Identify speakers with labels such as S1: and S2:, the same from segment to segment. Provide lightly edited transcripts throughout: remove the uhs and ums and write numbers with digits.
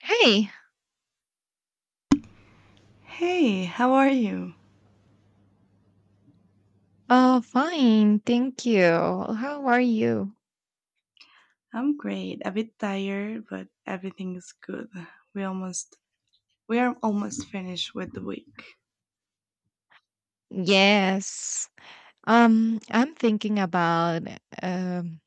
S1: Hey.
S2: Hey, how are you?
S1: Oh, fine, thank you. How are you?
S2: I'm great. A bit tired, but everything is good. We almost we are almost finished with the week.
S1: Yes. I'm thinking about um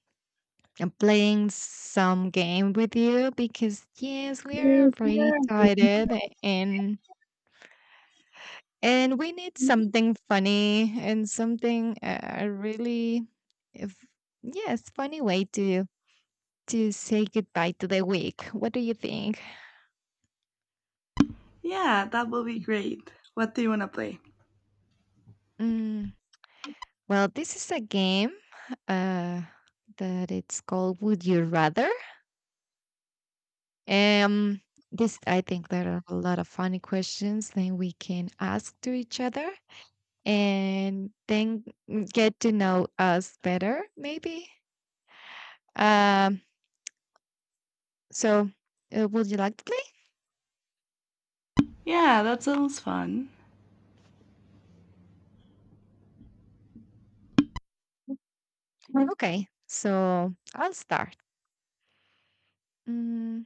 S1: playing some game with you because yes, we are
S2: Yes,
S1: already
S2: yeah.
S1: tired and and we need something funny and something really if yes, funny way to say goodbye to the week. What do you think?
S2: Yeah, that will be great. What do you want to play?
S1: Mm. Well, this is a game uh, that it's called Would You Rather? Um, this I think there are a lot of funny questions that we can ask to each other and then get to know us better, maybe. Um, so would you like to play?
S2: Yeah, that sounds fun.
S1: Mm. Okay, so I'll start. Mm,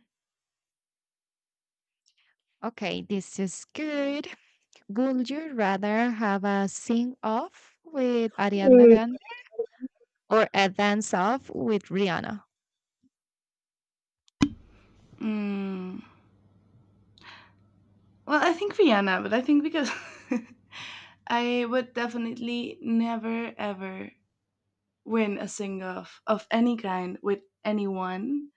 S1: okay, this is good. Would you rather have a sing off with Ariana
S2: Mm,
S1: Grande or a dance off with Rihanna?
S2: Mm, well, I think Vienna, but I think because I would definitely never ever win a sing off of any kind with anyone.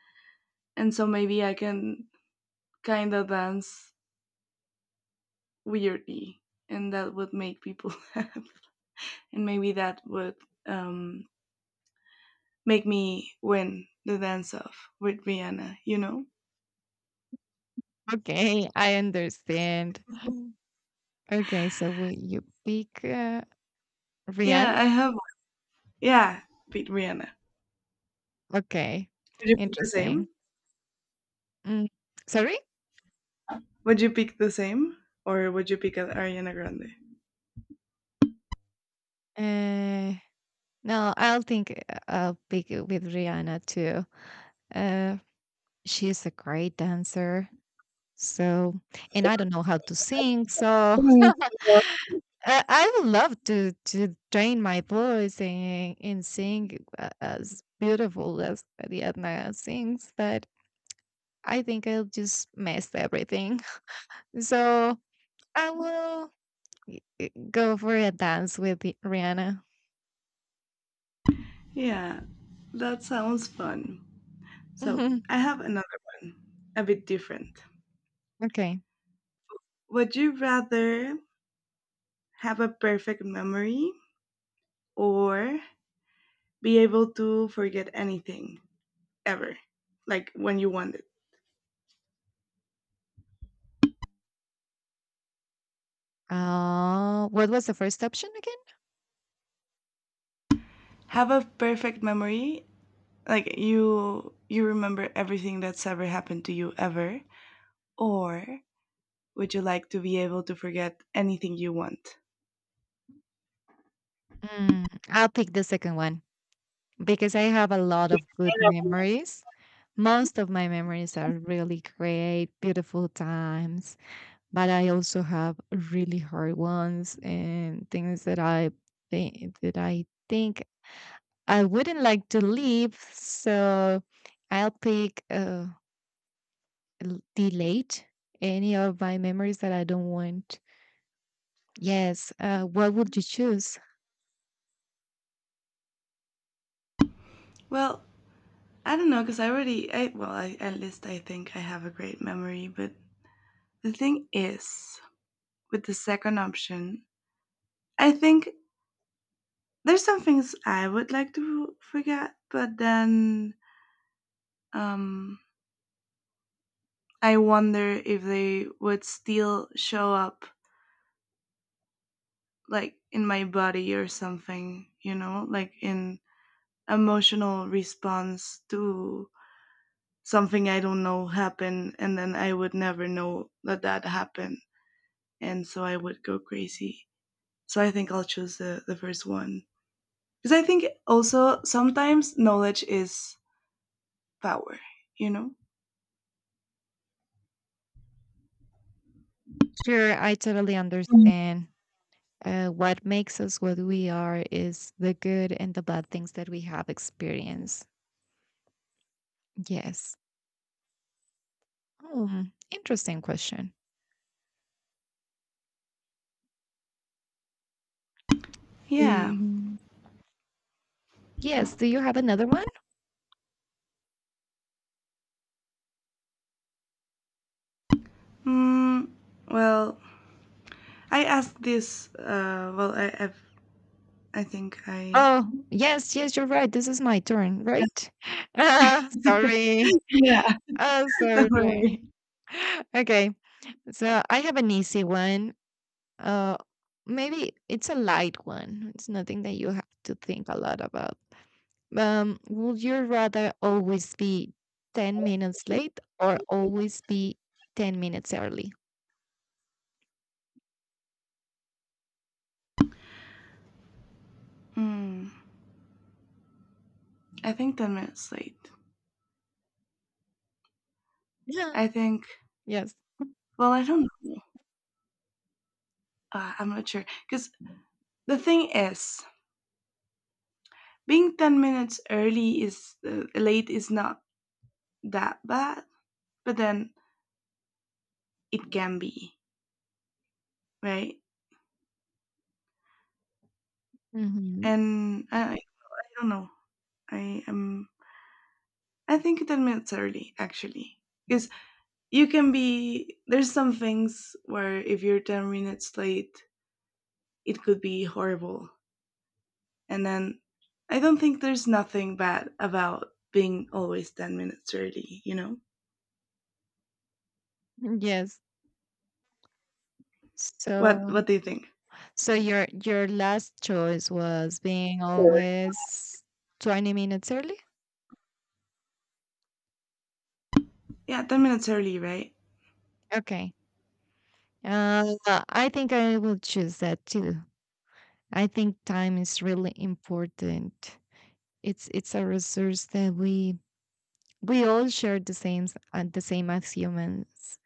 S2: And so maybe I can kind of dance weirdly, and that would make people laugh, and maybe that would um, make me win the dance off with Rihanna. You know?
S1: Okay, I understand. Okay, so will you pick
S2: Yeah,
S1: Rihanna?
S2: I have. One. Yeah, pick Rihanna.
S1: Okay,
S2: Would you pick the
S1: interesting.
S2: same?
S1: Mm, Sorry?
S2: Would you pick the same, or would you pick Ariana Grande?
S1: Uh, no, I'll pick it with Rihanna too. Uh, she's a great dancer. So, and I don't know how to sing. So,
S2: Hmm. Yeah,
S1: I would love to train my voice and sing as beautiful as Rihanna sings, but I think I'll just mess everything. So I will go for a dance with Rihanna.
S2: yeah, that sounds fun. So,
S1: Mhm.
S2: I have another one, a bit different.
S1: Okay.
S2: Would you rather have a perfect memory or be able to forget anything? Ever, like when you want it.
S1: What was the first option again?
S2: Have a perfect memory, like you remember everything that's ever happened to you ever, or would you like to be able to forget anything you want?
S1: I'll pick the second one because I have a lot of good memories. Most of my memories are really great, beautiful times, but I also have really hard ones and things that I think I wouldn't like to leave, so I'll pick delete any of my memories that I don't want. Yes. What would you choose?
S2: Well, I don't know, because I already I, well I, at least I think I have a great memory, but the thing is, with the second option, I think there's some things I would like to forget, but then um I wonder if they would still show up, like in my body or something, like in emotional response to something I don't know happened, and then I would never know that that happened, and so I would go crazy. So I think I'll choose the first one, because I think also sometimes knowledge is power, you know.
S1: Sure, I totally understand. What makes us what we are is the good and the bad things that we have experienced. Yes. Hmm, Interesting question.
S2: Yeah.
S1: Um, yes. Do you have another one?
S2: Mm, well, I asked this. Well, I've, I think I.
S1: Oh, yes, yes, you're right. This is my turn, right? Ah, sorry.
S2: Yeah. Don't
S1: Absolutely.
S2: worry.
S1: Okay, so I have an easy one. Uh, Maybe it's a light one. It's nothing that you have to think a lot about. Would you rather always be 10 minutes late or always be 10 minutes early?
S2: Mm. I think 10 minutes late.
S1: Yeah.
S2: I think,
S1: Yes.
S2: well, I don't know. I'm not sure. Because the thing is, being 10 minutes early is late is not that bad, but then it can be, right?
S1: Hmm.
S2: And I don't know. I am, I think 10 minutes early, actually. Because there's some things where if you're 10 minutes late, it could be horrible. And then I don't think there's nothing bad about being always 10 minutes early, you know?
S1: Yes.
S2: What
S1: So,
S2: what do you think?
S1: so, your last choice was being
S2: Sure.
S1: always 20 minutes early?
S2: Yeah, 10 minutes early, right?
S1: Okay. Uh, I think I will choose that too. I think time is really important. It's a resource that we all share the same and the same as humans.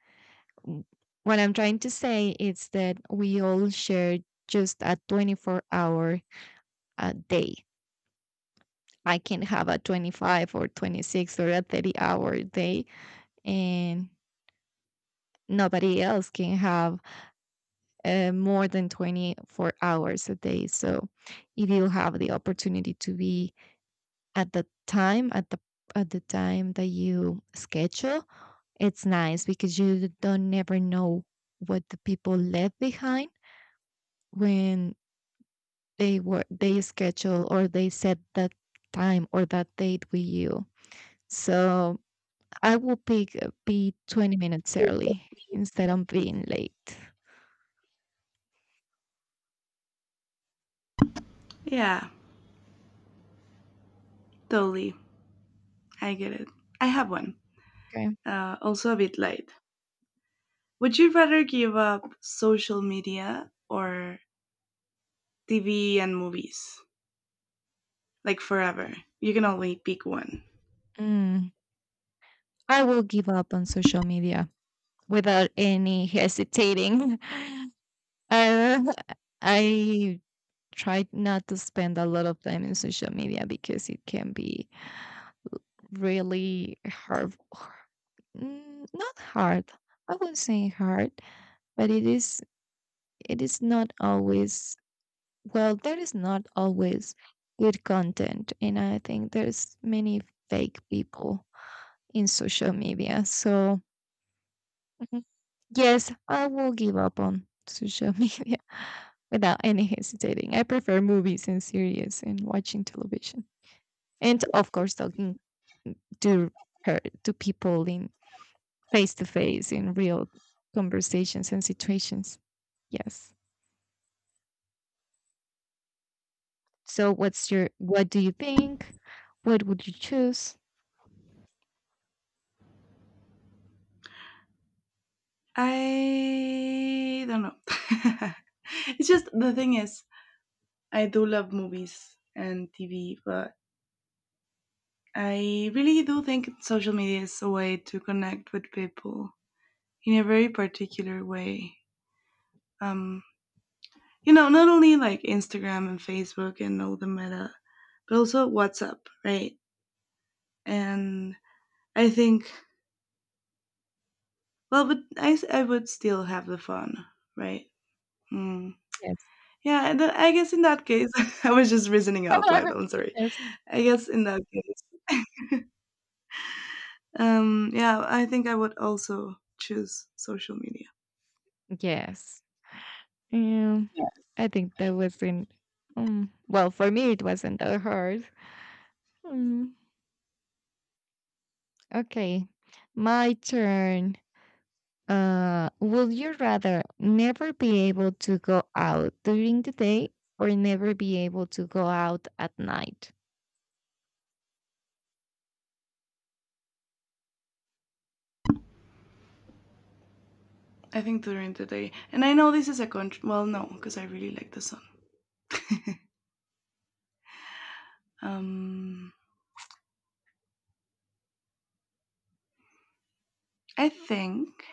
S1: W- What I'm trying to say is that we all share just a 24 hour day. I can have a 25 or 26 or a 30-hour day, and nobody else can have more than 24 hours a day. So, if you have the opportunity to be at the time at the at the time that you schedule, it's nice because you don't never know what the people left behind when they schedule or they set that time or that date with you. So I will pick be 20 minutes early instead of being late.
S2: Yeah, totally. I get it. I have one.
S1: Okay.
S2: Also a bit late. Would you rather give up social media or TV and movies? Like forever. You can only pick one.
S1: Mm, I will give up on social media without any hesitating. uh, I try not to spend a lot of time in social media because it can be really hard. Not hard, I wouldn't say hard, but it is not always, well, there is not always good content, and I think there's many fake people in social media. So, mhm, yes, I will give up on social media without any hesitating. I prefer movies and series and watching television, and of course talking to to people in face to face, in real conversations and situations. Yes. So what do you think, what would you choose?
S2: I don't know. It's just the thing is, I do love movies and TV, but I really do think social media is a way to connect with people in a very particular way. Um, Not only like Instagram and Facebook and all the meta, but also WhatsApp, right? And I think, well, but I would still have the fun, right? Mm.
S1: Yes.
S2: Yeah, and then I guess in that case, I was just reasoning out loud. I'm sorry.
S1: Yes,
S2: I guess in that case, yeah, I think I would also choose social media.
S1: yes. um, I think that wasn't well, for me it wasn't that hard. um, okay. My turn. Would you rather never be able to go out during the day or never be able to go out at night?
S2: I think during the day. And I know this is a country. Well, no, because I really like the sun. Um, I think.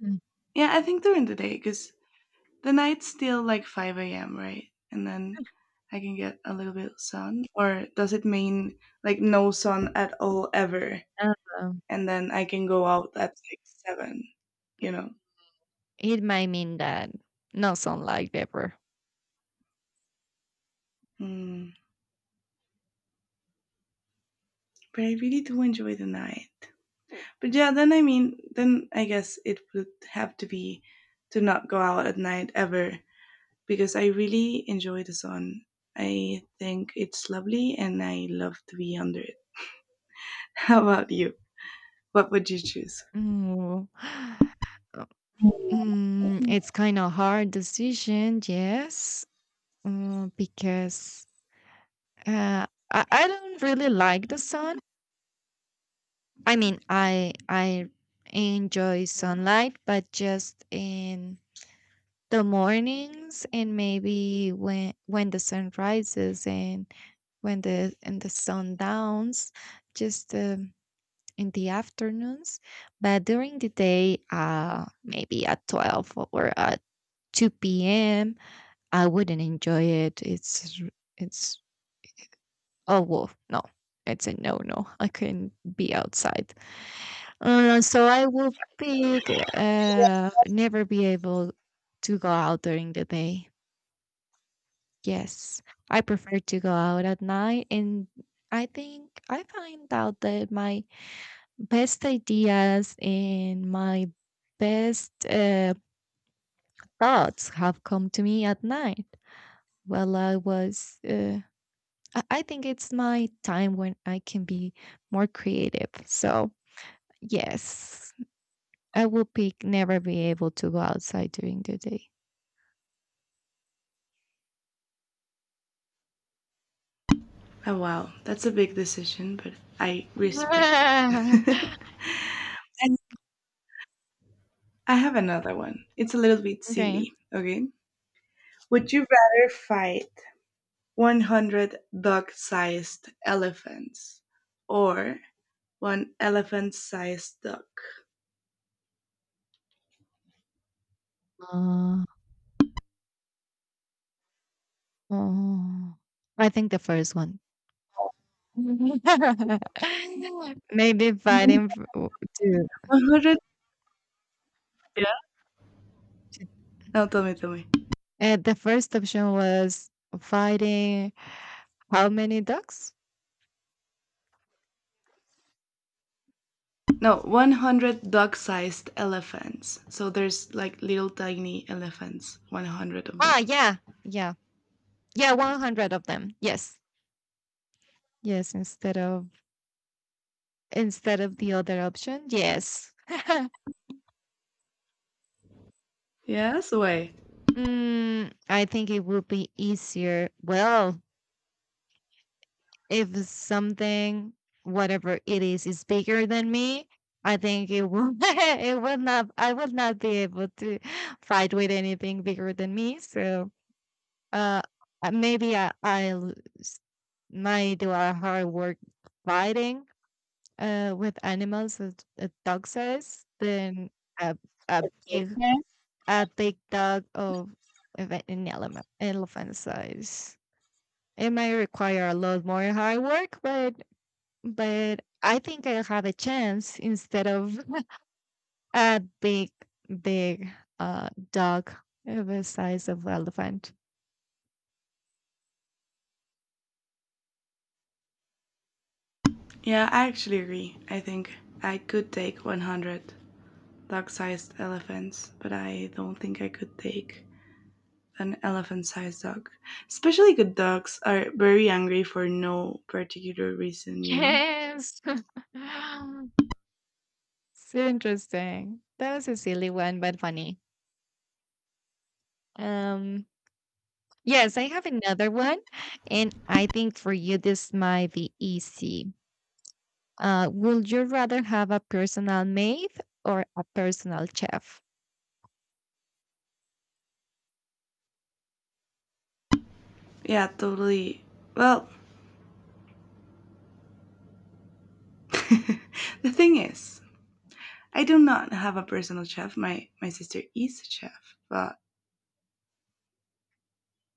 S1: Mm.
S2: Yeah, I think during the day because the night's still like 5 a.m., right? And then I can get a little bit of sun. Or does it mean like no sun at all ever?
S1: Uh,
S2: And then I can go out at like 7, you know?
S1: it might mean that no sunlight ever.
S2: Mm. But I really do enjoy the night. But yeah, then I mean, then I guess it would have to be to not go out at night ever, because I really enjoy the sun. I think it's lovely and I love to be under it. How about you? What would you choose?
S1: Mm. It's kind of hard decision, yes, because uh, I don't really like the sun. I mean, I enjoy sunlight, but just in the mornings and maybe when the sun rises and when the and the sun downs, just in the afternoons, but during the day maybe at 12 or at 2 p.m. I wouldn't enjoy it. It's r- it's Oh, well, no, it's a no, no, I couldn't be outside. So I will pick never be able to go out during the day. Yes, I prefer to go out at night, and I think I find out that my best ideas and my best thoughts have come to me at night. Well, I was, I think it's my time when I can be more creative. So, yes, I will pick never be able to go outside during the day.
S2: Oh, wow. That's a big decision, but I respect that. And I have another one. It's a little bit
S1: Okay.
S2: silly, okay? Would you rather fight 100 dog sized elephants or one elephant sized dog?
S1: Uh, oh, I think the first one. Maybe fighting f- w- to
S2: 100? Yeah. No, tell me, tell me.
S1: The first option was fighting how many ducks?
S2: No, 100 dog-sized elephants. So there's like little tiny elephants, 100 of
S1: Ah,
S2: them.
S1: yeah, yeah, yeah, 100 of them. Yes, yes. Instead of the other option, yes.
S2: Yes, way.
S1: I think it would be easier. Well, if something, whatever it is bigger than me, I think it will it will not I will not be able to fight with anything bigger than me. So uh maybe I will might do a hard work fighting with animals as a dog says than a a big
S2: Yeah.
S1: a big dog of an elephant size. It may require a lot more hard work, but I think I have a chance instead of a big, big dog of the size of elephant.
S2: Yeah, I actually agree. I think I could take 100 dog sized elephants, but I don't think I could take an elephant sized dog. Especially good dogs are very angry for no particular reason, you know?
S1: Yes. So interesting. That was a silly one, but funny. Um, yes, I have another one, and I think for you this might be easy. Would you rather have a personal maid or a personal chef?
S2: Yeah, totally. Well, the thing is, I do not have a personal chef. My sister is a chef, but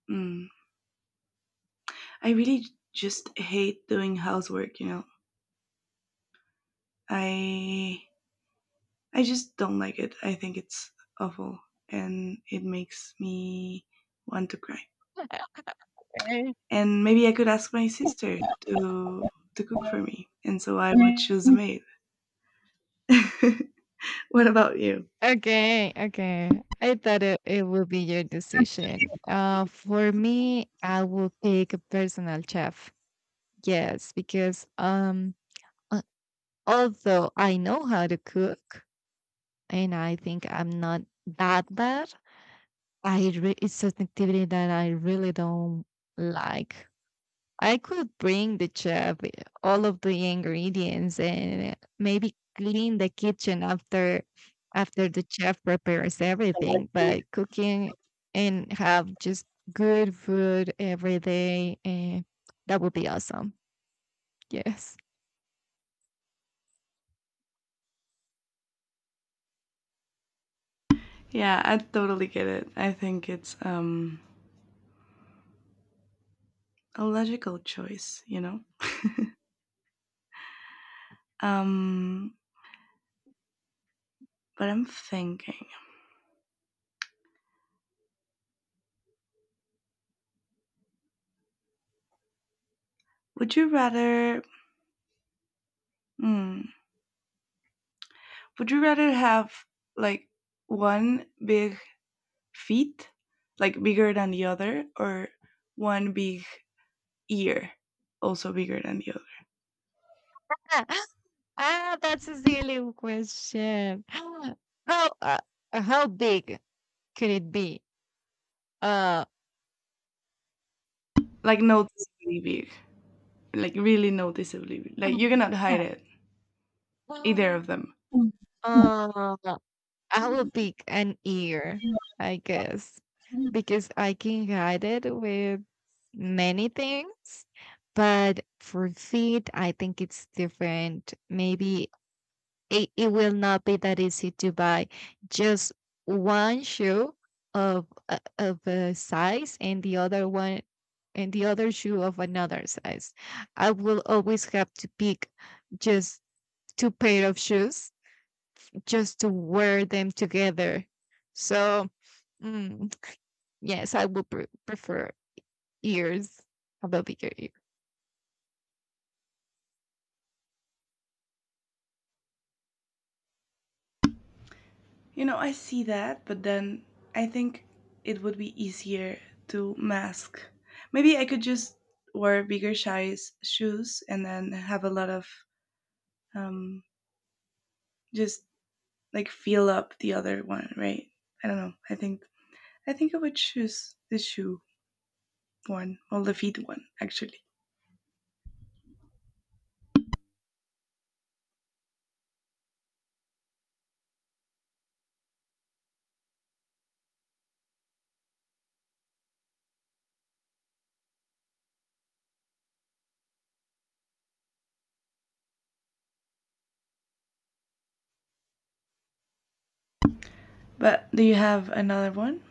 S2: Mm. I really just hate doing housework. I I just don't like it. I think it's awful and it makes me want to cry. And maybe I could ask my sister to to cook for me. And so I would choose a maid. What about you?
S1: Okay, okay. I thought it would be your decision. For me, I will pick a personal chef. Yes, because uh, although I know how to cook, and I think I'm not that bad, it's an activity that I really don't like. I could bring the chef all of the ingredients and maybe clean the kitchen after the chef prepares everything, but cooking and have just good food every day, that would be awesome. Yes.
S2: Yeah, I totally get it. I think it's a logical choice. Um but I'm thinking, would you rather. Hmm. Would you rather have like one big feet, like bigger than the other, or one big ear, also bigger than the other?
S1: Ah, that's a silly question. How uh, how big could it be? Uh,
S2: Like noticeably big, like really noticeably big. Like you cannot hide it,
S1: uh,
S2: either of them. Mm. Yeah.
S1: I will pick an ear, I guess, because I can hide it with many things. But for feet, I think it's different. Maybe it will not be that easy to buy just one shoe of a size and the other one and the other shoe of another size. I will always have to pick just two pair of shoes just to wear them together. So, mm, yes, I would prefer ears, a bigger ear.
S2: You know, I see that, but then I think it would be easier to mask. Maybe I could just wear bigger size shoes and then have a lot of um, just like feel up the other one, right? I don't know. I think I would choose the shoe one or the feet one actually. But do you have another one?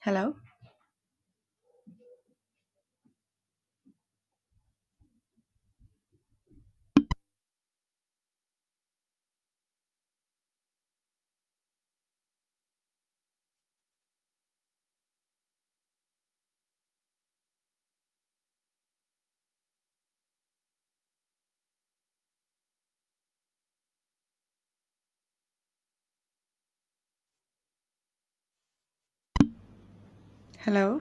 S2: Hello, hello.